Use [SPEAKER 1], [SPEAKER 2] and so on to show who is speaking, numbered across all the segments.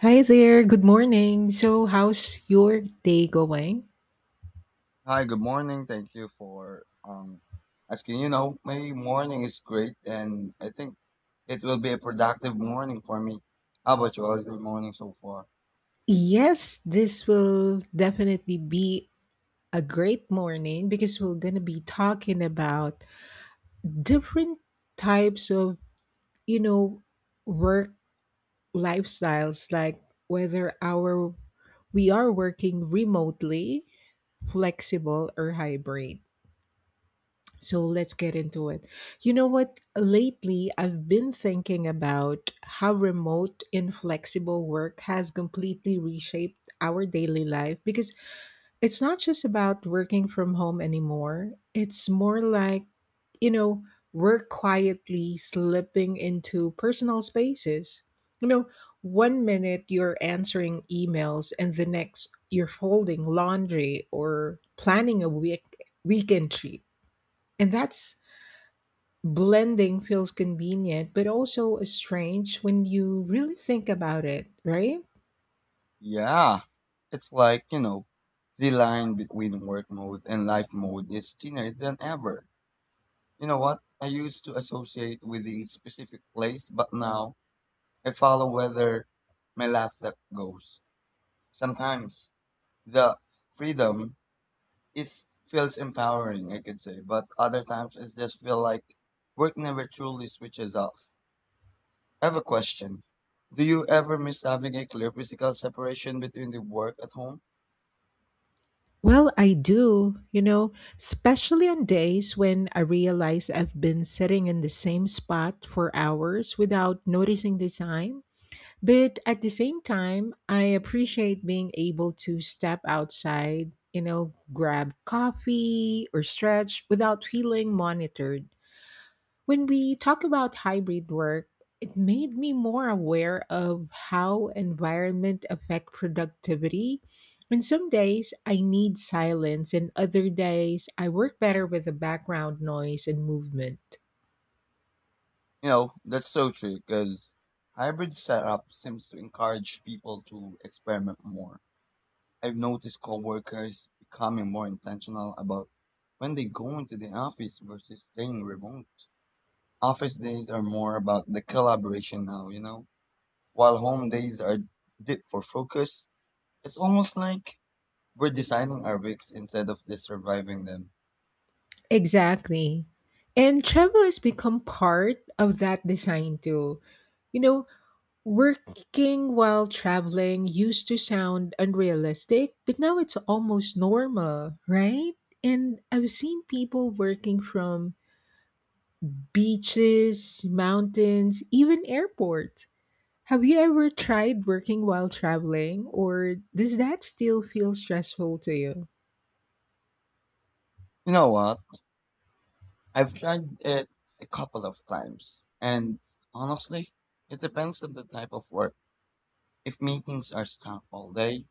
[SPEAKER 1] Hi there, good morning. So, how's your day going?
[SPEAKER 2] Hi, good morning. Thank you for asking. You know, my morning is great, and I think it will be a productive morning for me. How about you? How's your morning so far?
[SPEAKER 1] Yes, this will definitely be a great morning because we're going to be talking about different types of, you know, work lifestyles like whether our we are working remotely, flexible or hybrid. So let's get into it. You know what? Lately, I've been thinking about how remote, inflexible work has completely reshaped our daily life because it's not just about working from home anymore. It's more like, you know, work quietly slipping into personal spaces. You know, One minute you're answering emails, and the next you're folding laundry or planning a weekend treat. And that's blending feels convenient, but also strange when you really think about it, right?
[SPEAKER 2] Yeah, it's like, you know, the line between work mode and life mode is thinner than ever. You know what? I used to associate with the specific place, but now I follow whether my life that goes. Sometimes the freedom it feels empowering, I could say, but other times it just feel like work never truly switches off. I have a question. Do you ever miss having a clear physical separation between the work at home?
[SPEAKER 1] Well, I do, you know, especially on days when I realize I've been sitting in the same spot for hours without noticing the time. But at the same time, I appreciate being able to step outside, you know, grab coffee or stretch without feeling monitored. When we talk about hybrid work, it made me more aware of how environment affect productivity. And some days I need silence and other days I work better with the background noise and movement.
[SPEAKER 2] You know, that's so true because hybrid setup seems to encourage people to experiment more. I've noticed coworkers becoming more intentional about when they go into the office versus staying remote. Office days are more about the collaboration now, you know? While home days are deep for focus, it's almost like we're designing our weeks instead of just surviving them.
[SPEAKER 1] Exactly. And travel has become part of that design too. You know, Working while traveling used to sound unrealistic, but now it's almost normal, right? And I've seen people working from beaches, mountains, even airports. Have you ever tried working while traveling, or does that still feel stressful to you?
[SPEAKER 2] You know what? I've tried it a couple of times, and honestly, it depends on the type of work. If meetings are stuck all day,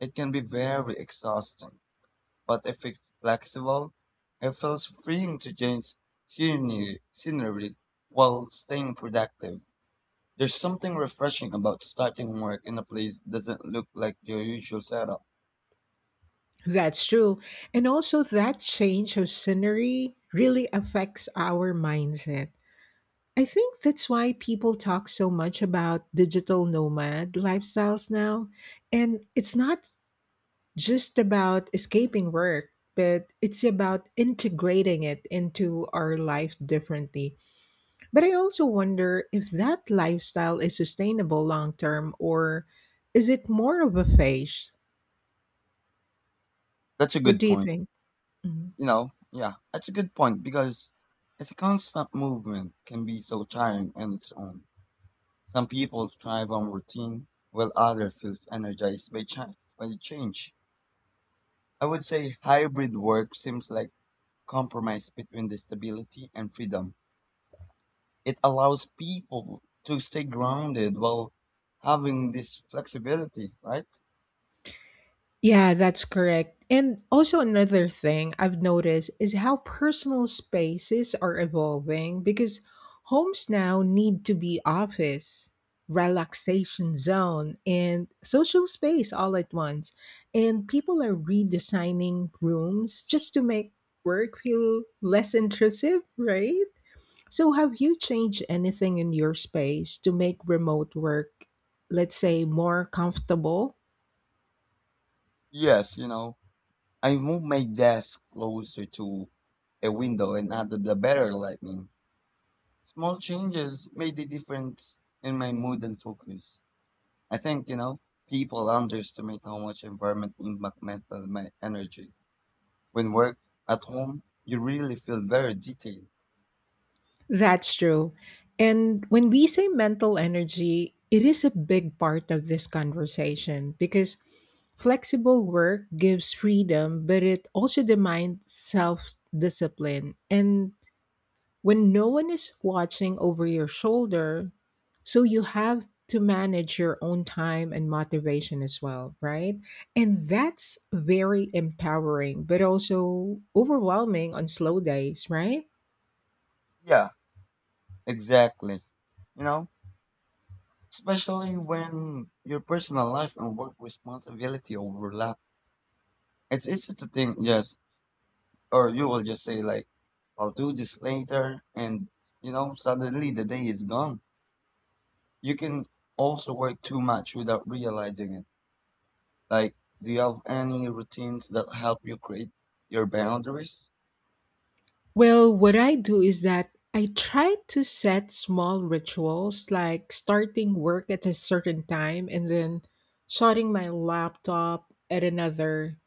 [SPEAKER 2] it can be very exhausting. But if it's flexible, it feels freeing to change scenery while staying productive. There's something refreshing about starting work in a place that doesn't look like your usual setup.
[SPEAKER 1] That's true. And also, that change of scenery really affects our mindset. I think that's why people talk so much about digital nomad lifestyles now. And it's not just about escaping work, but it's about integrating it into our life differently. But I also wonder if that lifestyle is sustainable long term, or is it more of a phase?
[SPEAKER 2] That's a
[SPEAKER 1] What
[SPEAKER 2] good
[SPEAKER 1] do you
[SPEAKER 2] point.
[SPEAKER 1] think? Mm-hmm.
[SPEAKER 2] You know, yeah, that's a good point because it's a constant movement can be so tiring on its own. Some people thrive on routine, while others feels energized by change. By the change, I would say hybrid work seems like compromise between the stability and freedom. It allows people to stay grounded while having this flexibility, right?
[SPEAKER 1] Yeah, that's correct. And also, another thing I've noticed is how personal spaces are evolving because homes now need to be office, relaxation zone, and social space all at once. And people are redesigning rooms just to make work feel less intrusive, right? So, have you changed anything in your space to make remote work, let's say, more comfortable?
[SPEAKER 2] Yes, you know, I moved my desk closer to a window and added a better lighting. Small changes made a difference in my mood and focus. I think, you know, people underestimate how much environment impact mental my energy. When work at home, you really feel very detailed.
[SPEAKER 1] That's true. And when we say mental energy, it is a big part of this conversation because flexible work gives freedom, but it also demands self discipline. And when no one is watching over your shoulder, so you have to manage your own time and motivation as well, right? And that's very empowering, but also overwhelming on slow days, right?
[SPEAKER 2] Yeah, exactly. You know, especially when your personal life and work responsibility overlap. It's easy to think, yes, or you will just say like I'll do this later, and you know, suddenly the day is gone. You can also work too much without realizing it. Like, do you have any routines that help you create your boundaries?
[SPEAKER 1] Well, what I do is that I try to set small rituals like starting work at a certain time and then shutting my laptop at another.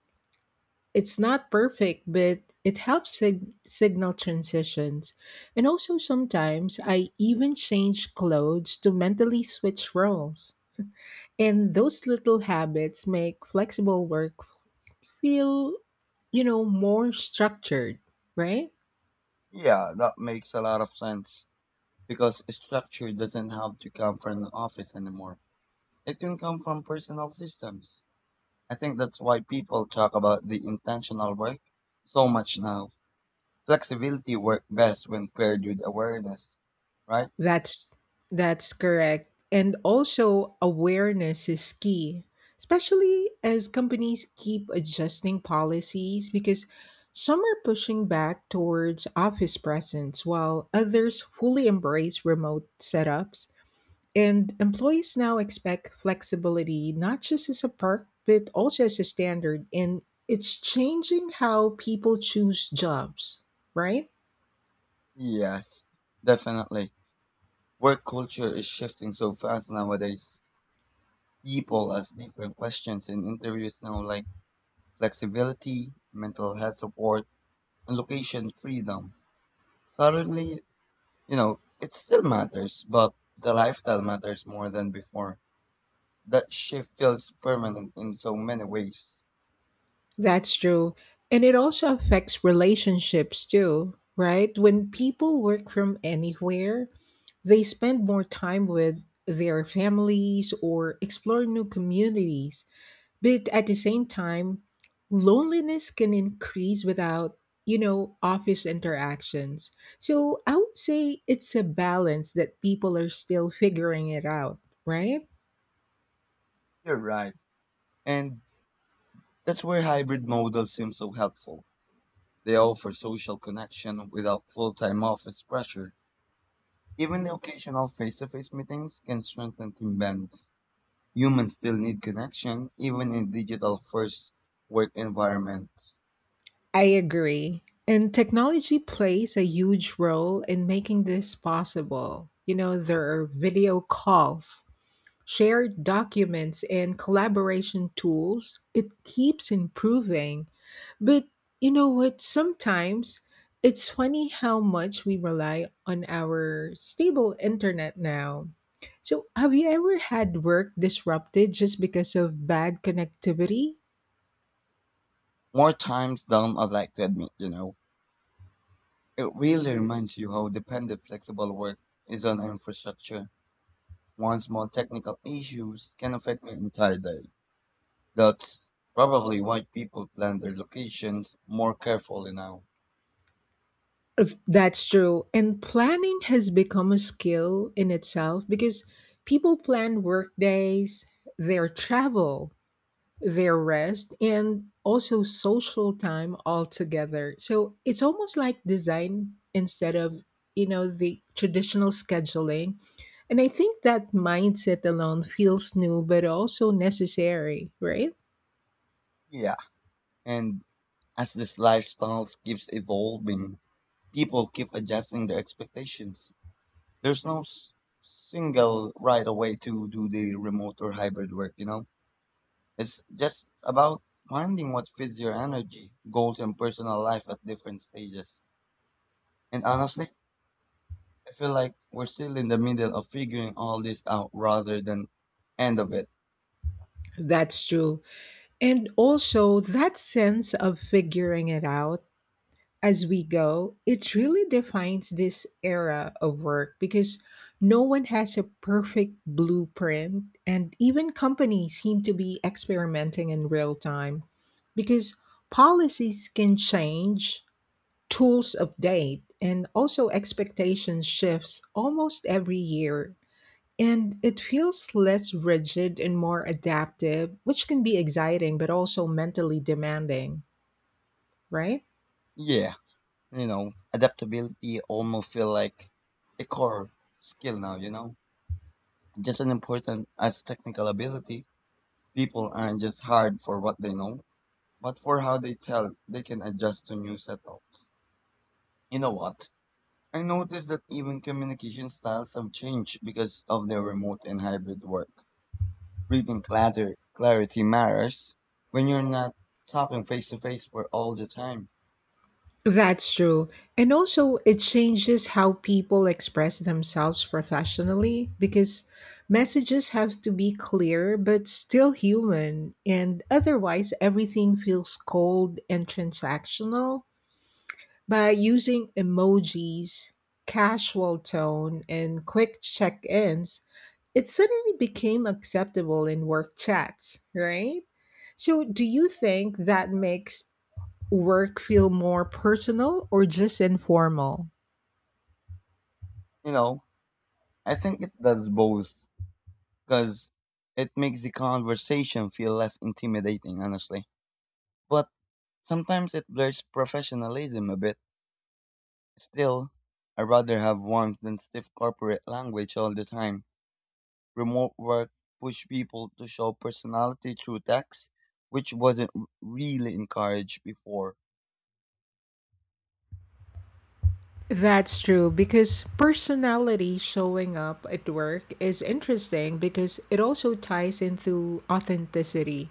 [SPEAKER 1] It's not perfect, but it helps signal transitions. And also, sometimes I even change clothes to mentally switch roles. And those little habits make flexible work feel, more structured, right?
[SPEAKER 2] Yeah, that makes a lot of sense, because structure doesn't have to come from the office anymore. It can come from personal systems. I think that's why people talk about the intentional work so much now. Flexibility works best when paired with awareness, right?
[SPEAKER 1] That's that's correct. And also awareness is key, especially as companies keep adjusting policies because some are pushing back towards office presence while others fully embrace remote setups. And employees now expect flexibility not just as a perk but also as a standard, and it's changing how people choose jobs, right?
[SPEAKER 2] Yes, definitely. Work culture is shifting so fast nowadays. People ask different questions in interviews now, like flexibility, mental health support, and location freedom. Suddenly, you know, it still matters, but the lifestyle matters more than before. That shift feels permanent in so many ways.
[SPEAKER 1] That's true. And it also affects relationships too, right? When people work from anywhere, they spend more time with their families or explore new communities. But at the same time, loneliness can increase without, you know, office interactions. So I would say it's a balance that people are still figuring it out, right?
[SPEAKER 2] You're right. And that's where hybrid models seem so helpful. They offer social connection without full-time office pressure. Even the occasional face-to-face meetings can strengthen team bonds. Humans still need connection, even in digital-first work environments.
[SPEAKER 1] I agree. And technology plays a huge role in making this possible. You know, there are video calls, shared documents, and collaboration tools. It keeps improving. But you know what? Sometimes it's funny how much we rely on our stable internet now. So, have you ever had work disrupted just because of bad connectivity?
[SPEAKER 2] More times down, I'd like to admit, you know, it really reminds you how dependent flexible work is on infrastructure. One small technical issues can affect the entire day. That's probably why people plan their locations more carefully now.
[SPEAKER 1] If That's true. And planning has become a skill in itself because people plan work days, their travel, their rest, and also social time all together. So it's almost like design instead of, the traditional scheduling. And I think that mindset alone feels new, but also necessary, right?
[SPEAKER 2] Yeah. And as this lifestyle keeps evolving, people keep adjusting their expectations. There's no single right away to do the remote or hybrid work, you know? It's just about finding what fits your energy, goals, and personal life at different stages. And honestly, I feel like we're still in the middle of figuring all this out rather than end of it.
[SPEAKER 1] That's true. And also that sense of figuring it out as we go, it really defines this era of work because no one has a perfect blueprint, and even companies seem to be experimenting in real time because policies can change, tools update, and also expectations shifts almost every year. And it feels less rigid and more adaptive, which can be exciting but also mentally demanding, right?
[SPEAKER 2] Yeah, you know, adaptability almost feel like a core skill now, you know? Just as important as technical ability, people aren't just hired for what they know, but for how they tell they can adjust to new setups. You know what? I noticed that even communication styles have changed because of their remote and hybrid work. Reading clatter, clarity matters when you're not talking face to face for all the time.
[SPEAKER 1] That's true. And also, it changes how people express themselves professionally because messages have to be clear but still human. And otherwise, everything feels cold and transactional. By using emojis, casual tone, and quick check ins, it suddenly became acceptable in work chats, right? So, do you think that makes work feel more personal or just informal?
[SPEAKER 2] You know, I think it does both because it makes the conversation feel less intimidating, honestly. But sometimes it blurs professionalism a bit. Still, I rather have warmth than stiff corporate language all the time. Remote work pushed people to show personality through text, which wasn't really encouraged before.
[SPEAKER 1] That's true because personality showing up at work is interesting because it also ties into authenticity.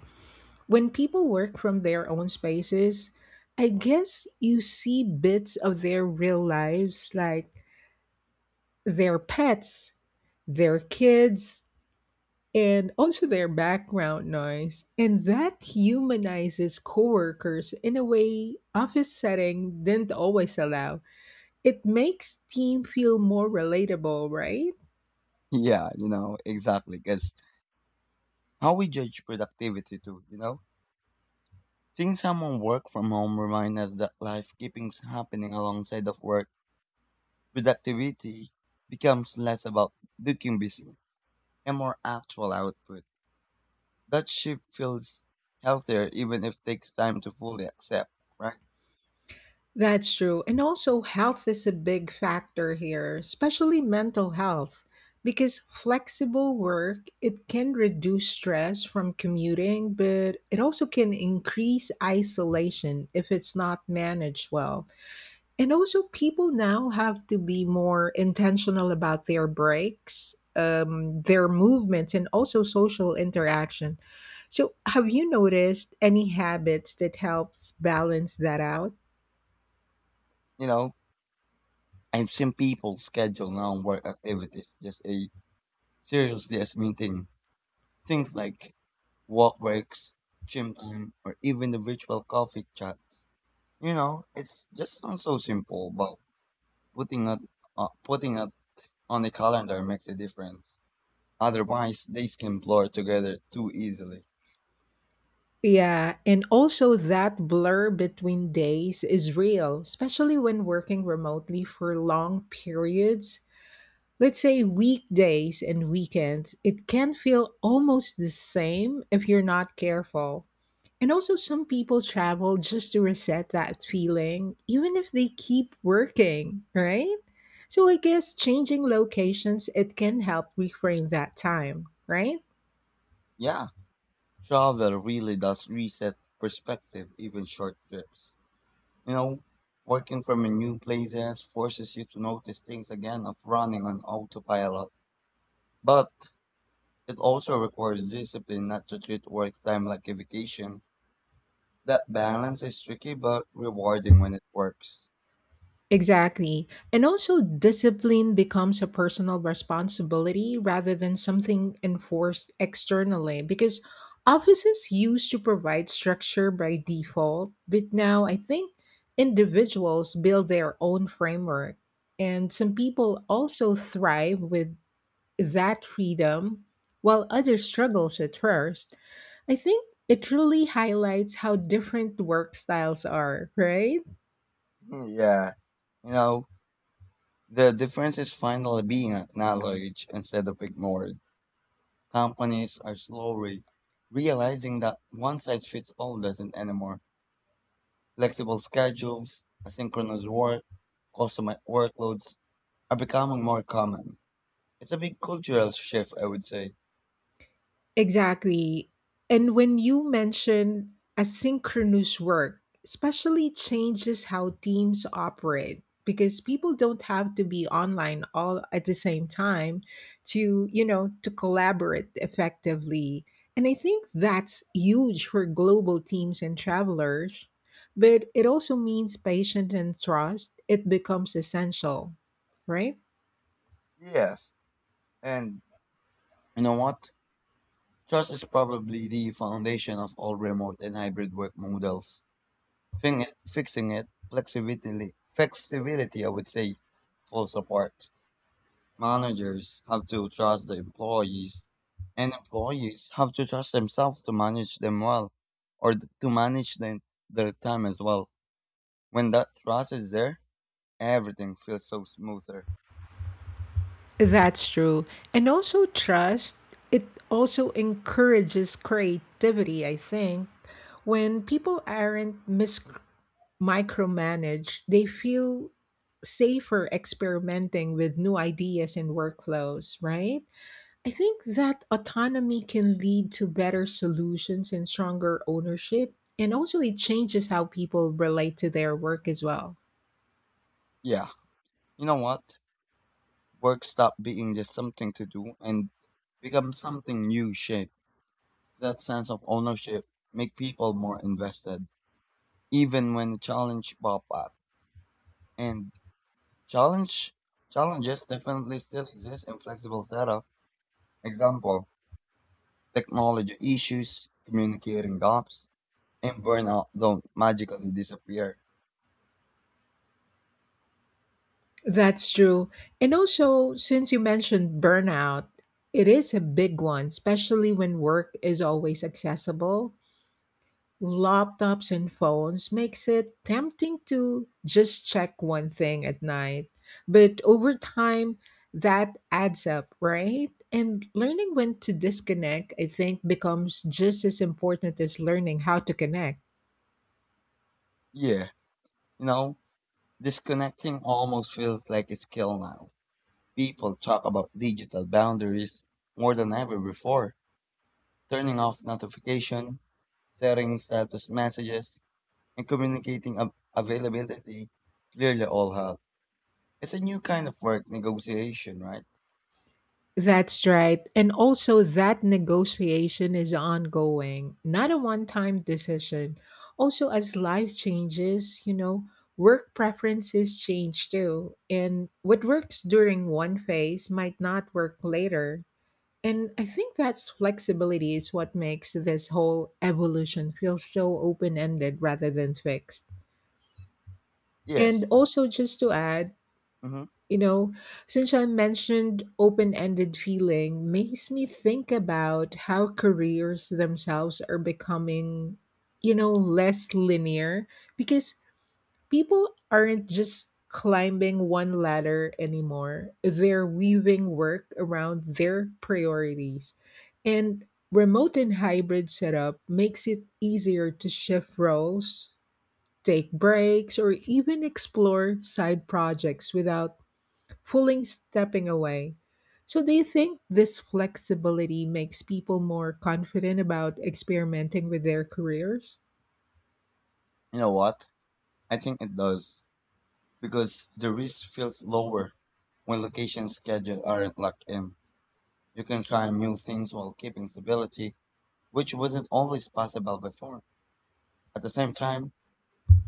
[SPEAKER 1] When people work from their own spaces, I guess you see bits of their real lives like their pets, their kids, and also their background noise. And that humanizes coworkers in a way office setting didn't always allow. It makes team feel more relatable, right?
[SPEAKER 2] Yeah, you know, exactly. Because how we judge productivity, too, you know? Seeing someone work from home reminds us that life keeps happening alongside of work. Productivity becomes less about looking busy and more actual output. That shift feels healthier even if it takes time to fully accept, right?
[SPEAKER 1] That's true. And also health is a big factor here, especially mental health. Because flexible work, it can reduce stress from commuting, but it also can increase isolation if it's not managed well. And also, people now have to be more intentional about their breaks, their movements, and also social interaction. So, have you noticed any habits that helps balance that out?
[SPEAKER 2] You know, I've seen people schedule non-work activities just a seriously as meeting things like walk breaks, gym time, or even the virtual coffee chats. You know, it's just sounds so simple, but putting it putting it on the calendar makes a difference. Otherwise, days can blur together too easily.
[SPEAKER 1] Yeah, and also that blur between days is real, especially when working remotely for long periods. Let's say weekdays and weekends, it can feel almost the same if you're not careful. And also, some people travel just to reset that feeling, even if they keep working, right? So I guess changing locations, it can help reframe that time, right?
[SPEAKER 2] Yeah, travel really does reset perspective, even short trips. You know, working from a new places forces you to notice things again of running on autopilot. But it also requires discipline not to treat work time like a vacation. That balance is tricky but rewarding when it works.
[SPEAKER 1] Exactly. And also, discipline becomes a personal responsibility rather than something enforced externally because offices used to provide structure by default, but now I think individuals build their own framework. And some people also thrive with that freedom, while others struggles at first. I think it really highlights how different work styles are, right?
[SPEAKER 2] Hmm, yeah. You know, the difference is finally being acknowledged instead of ignored. Companies are slowly realizing that one size fits all doesn't anymore. Flexible schedules, asynchronous work, customer workloads are becoming more common. It's a big cultural shift, I would say.
[SPEAKER 1] Exactly. And when you mention asynchronous work, especially changes how teams operate because people don't have to be online all at the same time to, to collaborate effectively. And I think that's huge for global teams and travelers, but it also means patience and trust. It becomes essential, right?
[SPEAKER 2] Yes. And you know what? Trust is probably the foundation of all remote and hybrid work models. Fing it, fixing it, flexibility, flexibility, I would say, full support. Managers have to trust the employees, and employees have to trust themselves to manage them well, or to manage their time as well. When that trust is there, everything feels so smoother.
[SPEAKER 1] That's true. And also, trust, it also encourages creativity, I think. When people aren't micromanaged, they feel safer experimenting with new ideas and workflows, right? I think that autonomy can lead to better solutions and stronger ownership. And also, it changes how people relate to their work as well.
[SPEAKER 2] Yeah. You know what? Work stopped being just something to do and become something you shape. That sense of ownership make people more invested, even when the challenge pop up. And challenge challenges definitely still exist in flexible setup. Example, technology issues, communicating gaps, and burnout don't magically disappear.
[SPEAKER 1] That's true. And also, since you mentioned burnout, it is a big one, especially when work is always accessible, laptops and phones makes it tempting to just check one thing at night. But over time, that adds up, right? And learning when to disconnect, I think, becomes just as important as learning how to connect.
[SPEAKER 2] Yeah, you know, disconnecting almost feels like a skill now. People talk about digital boundaries more than ever before, turning off notification, setting status messages, and communicating availability clearly all help. It's a new kind of work negotiation, right?
[SPEAKER 1] That's right. And also, that negotiation is ongoing, not a one time decision. Also, as life changes, you know, work preferences change too. And what works during one phase might not work later. And I think that's flexibility is what makes this whole evolution feel so open ended rather than fixed.
[SPEAKER 2] Yes.
[SPEAKER 1] And also, just to add,
[SPEAKER 2] Hmm.
[SPEAKER 1] you know, since I mentioned open ended feeling, makes me think about how careers themselves are becoming, less linear because people aren't just climbing one ladder anymore. They're weaving work around their priorities. And remote and hybrid setup makes it easier to shift roles, take breaks, or even explore side projects without fully stepping away. So, do you think this flexibility makes people more confident about experimenting with their careers?
[SPEAKER 2] You know what? I think it does, because the risk feels lower when location schedule aren't locked in. You can try new things while keeping stability, which wasn't always possible before. At the same time,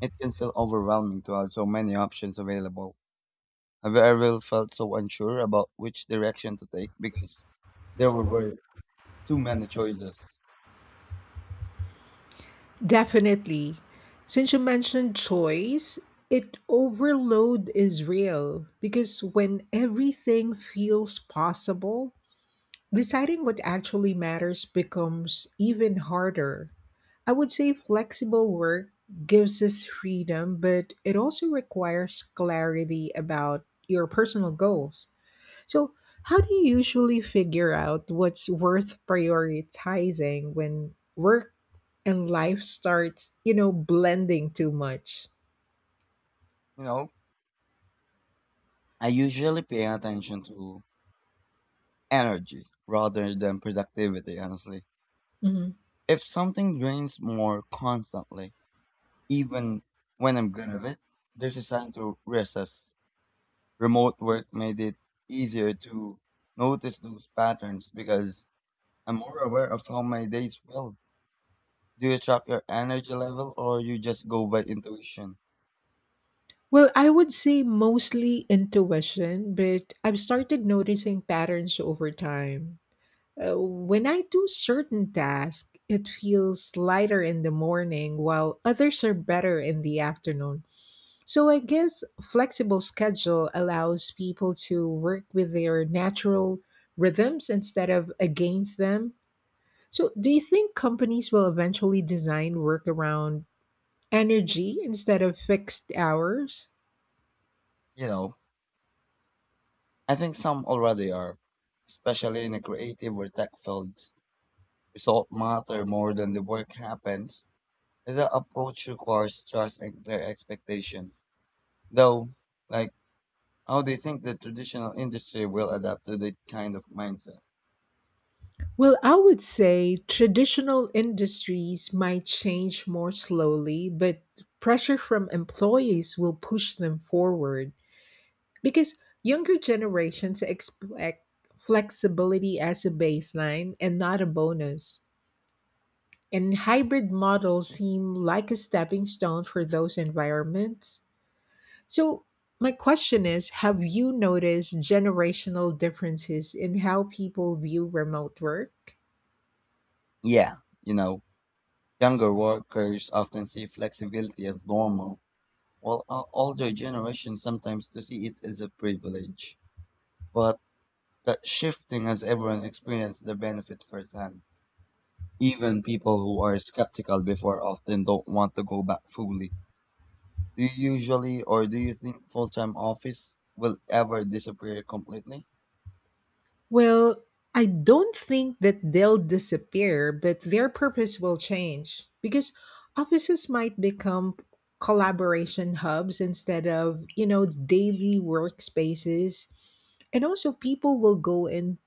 [SPEAKER 2] it can feel overwhelming to have so many options available. Have you ever felt so unsure about which direction to take because there were too many choices?
[SPEAKER 1] Definitely. Since you mentioned choice, it overload is real because when everything feels possible, deciding what actually matters becomes even harder. I would say flexible work gives us freedom, but it also requires clarity about your personal goals. So, how do you usually figure out what's worth prioritizing when work and life starts, blending too much?
[SPEAKER 2] You know, I usually pay attention to energy rather than productivity, honestly.
[SPEAKER 1] Mhm.
[SPEAKER 2] If something drains more constantly, even when I'm good at it, there's a sign to resist. Remote work made it easier to notice those patterns because I'm more aware of how my days feel. Do you track your energy level or you just go by intuition?
[SPEAKER 1] Well, I would say mostly intuition, but I've started noticing patterns over time. When I do certain tasks, it feels lighter in the morning while others are better in the afternoon. So I guess flexible schedule allows people to work with their natural rhythms instead of against them. So do you think companies will eventually design work around energy instead of fixed hours?
[SPEAKER 2] You know, I think some already are, especially in the creative or tech fields. Result matter more than the work happens. The approach requires trust and clear expectation. Though, like, how do you think the traditional industry will adapt to that kind of mindset?
[SPEAKER 1] Well, I would say traditional industries might change more slowly, but pressure from employees will push them forward because younger generations expect flexibility as a baseline and not a bonus. And hybrid models seem like a stepping stone for those environments. So, my question is, have you noticed generational differences in how people view remote work?
[SPEAKER 2] Yeah, you know, younger workers often see flexibility as normal. Well, older generations sometimes to see it as a privilege, but that shifting has everyone experienced the benefit firsthand. Even people who are skeptical before often don't want to go back fully. Do you usually, or do you think full-time office will ever disappear completely?
[SPEAKER 1] Well, I don't think that they'll disappear, but their purpose will change because offices might become collaboration hubs instead of, daily workspaces. And also, people will go in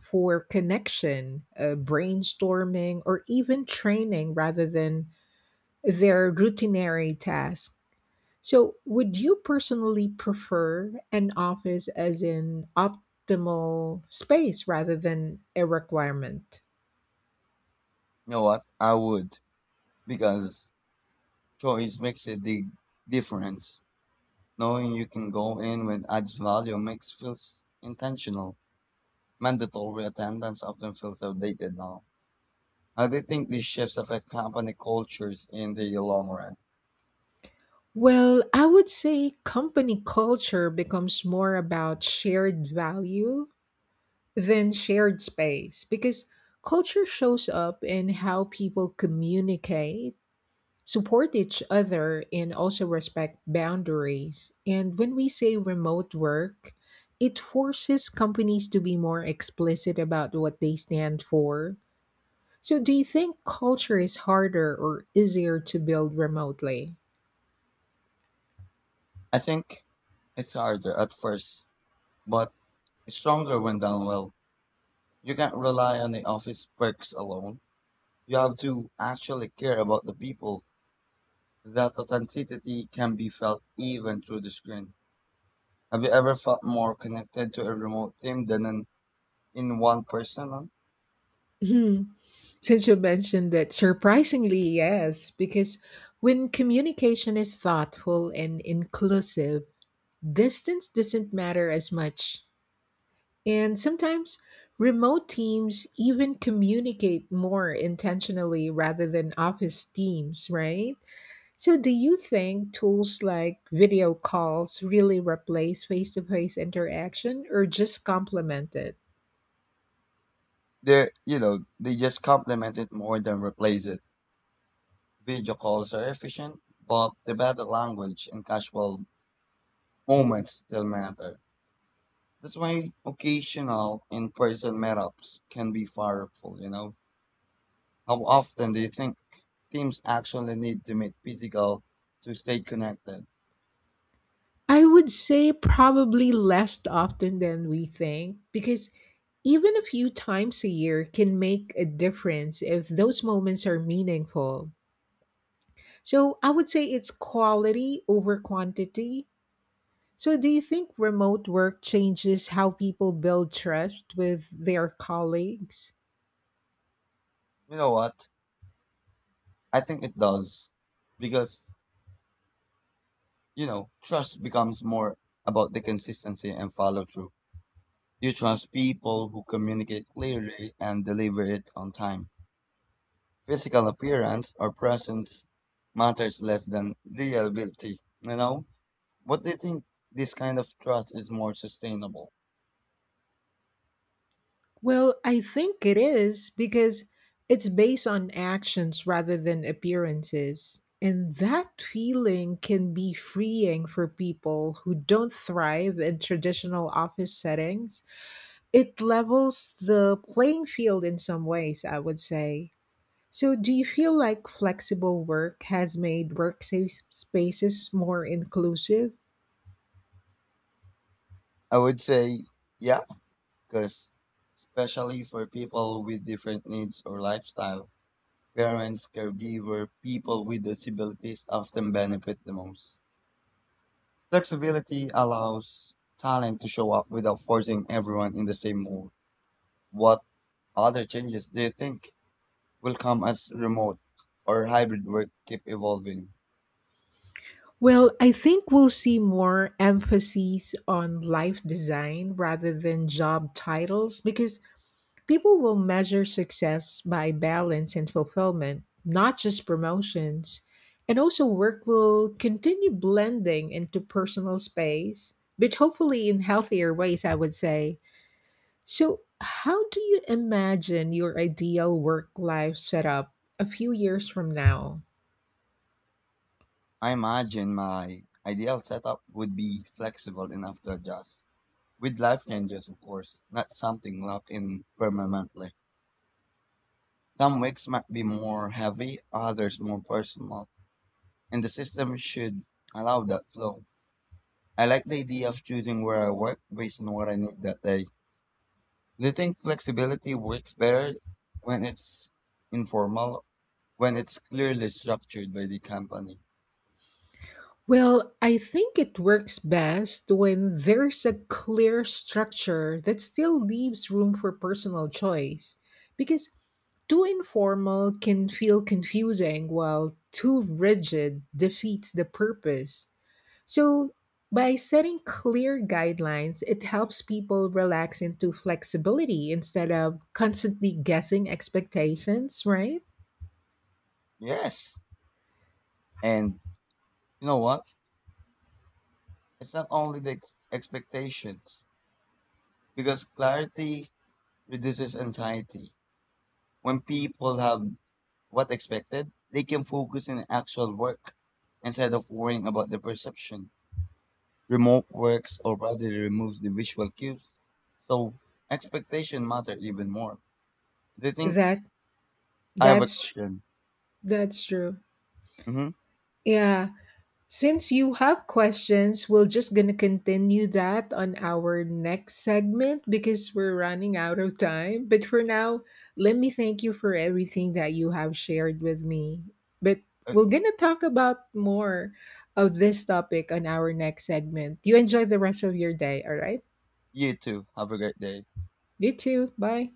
[SPEAKER 1] for connection, brainstorming, or even training rather than their routinary tasks. So, would you personally prefer an office as an optimal space rather than a requirement?
[SPEAKER 2] You know what? I would, because choice makes a big difference. Knowing you can go in when adds value makes feels intentional. Mandatory attendance often feels outdated now. How do you think these shifts affect company cultures in the long run?
[SPEAKER 1] Well, I would say company culture becomes more about shared value than shared space because culture shows up in how people communicate, support each other, and also respect boundaries. And when we say remote work, it forces companies to be more explicit about what they stand for. So, do you think culture is harder or easier to build remotely?
[SPEAKER 2] I think it's harder at first, but it's stronger when done well. You can't rely on the office perks alone. You have to actually care about the people. That authenticity can be felt even through the screen. Have you ever felt more connected to a remote team than an in one person?
[SPEAKER 1] Hmm. Since you mentioned that, surprisingly, yes, because when communication is thoughtful and inclusive, distance doesn't matter as much. And sometimes remote teams even communicate more intentionally rather than office teams, right? So, do you think tools like video calls really replace face to face interaction or just complement it?
[SPEAKER 2] They, you know, they just complement it more than replace it. Video calls are efficient, but the bad language and casual moments still matter. That's why occasional in-person meetups can be powerful, you know. How often do you think teams actually need to meet physical to stay connected?
[SPEAKER 1] I would say probably less often than we think because even a few times a year can make a difference if those moments are meaningful. So I would say it's quality over quantity. So do you think remote work changes how people build trust with their colleagues?
[SPEAKER 2] You know what? I think it does. Because, you know, trust becomes more about the consistency and follow through. You trust people who communicate clearly and deliver it on time. Physical appearance or presence matters less than the ability, you know? What do you think, this kind of trust is more sustainable?
[SPEAKER 1] Well, I think it is because it's based on actions rather than appearances. And that feeling can be freeing for people who don't thrive in traditional office settings. It levels the playing field in some ways, I would say. So, do you feel like flexible work has made work safe spaces more inclusive?
[SPEAKER 2] I would say, yeah, because especially for people with different needs or lifestyle, parents, caregiver, people with disabilities often benefit the most. Flexibility allows talent to show up without forcing everyone in the same mold. What other changes do you think will come as remote or hybrid work keep evolving?
[SPEAKER 1] Well, I think we'll see more emphasis on life design rather than job titles because people will measure success by balance and fulfillment, not just promotions. And also, work will continue blending into personal space, but hopefully in healthier ways, I would say. So, how do you imagine your ideal work life setup a few years from now?
[SPEAKER 2] I imagine my ideal setup would be flexible enough to adjust, with life changes, of course, not something locked in permanently. Some weeks might be more heavy, others more personal, and the system should allow that flow. I like the idea of choosing where I work based on what I need that day. Do you think flexibility works better when it's informal, when it's clearly structured by the company?
[SPEAKER 1] Well, I think it works best when there's a clear structure that still leaves room for personal choice. Because too informal can feel confusing, while too rigid defeats the purpose. So, by setting clear guidelines, it helps people relax into flexibility instead of constantly guessing expectations, right?
[SPEAKER 2] Yes. And you know what? It's not only the expectations, because clarity reduces anxiety. When people have what expected, they can focus on actual work instead of worrying about the perception. Remote works already removes the visual cues, so expectation matter even more. Do you think,
[SPEAKER 1] That
[SPEAKER 2] I have a
[SPEAKER 1] that's tr-
[SPEAKER 2] question?
[SPEAKER 1] that's true.
[SPEAKER 2] Mm-hmm.
[SPEAKER 1] Yeah. Since you have questions, we're just going to continue that on our next segment because we're running out of time. But for now, let me thank you for everything that you have shared with me. But
[SPEAKER 2] Uh,
[SPEAKER 1] we're going to talk about more of this topic on our next segment. You enjoy the rest of your day, all right?
[SPEAKER 2] you too. Have a great day.
[SPEAKER 1] You too. Bye.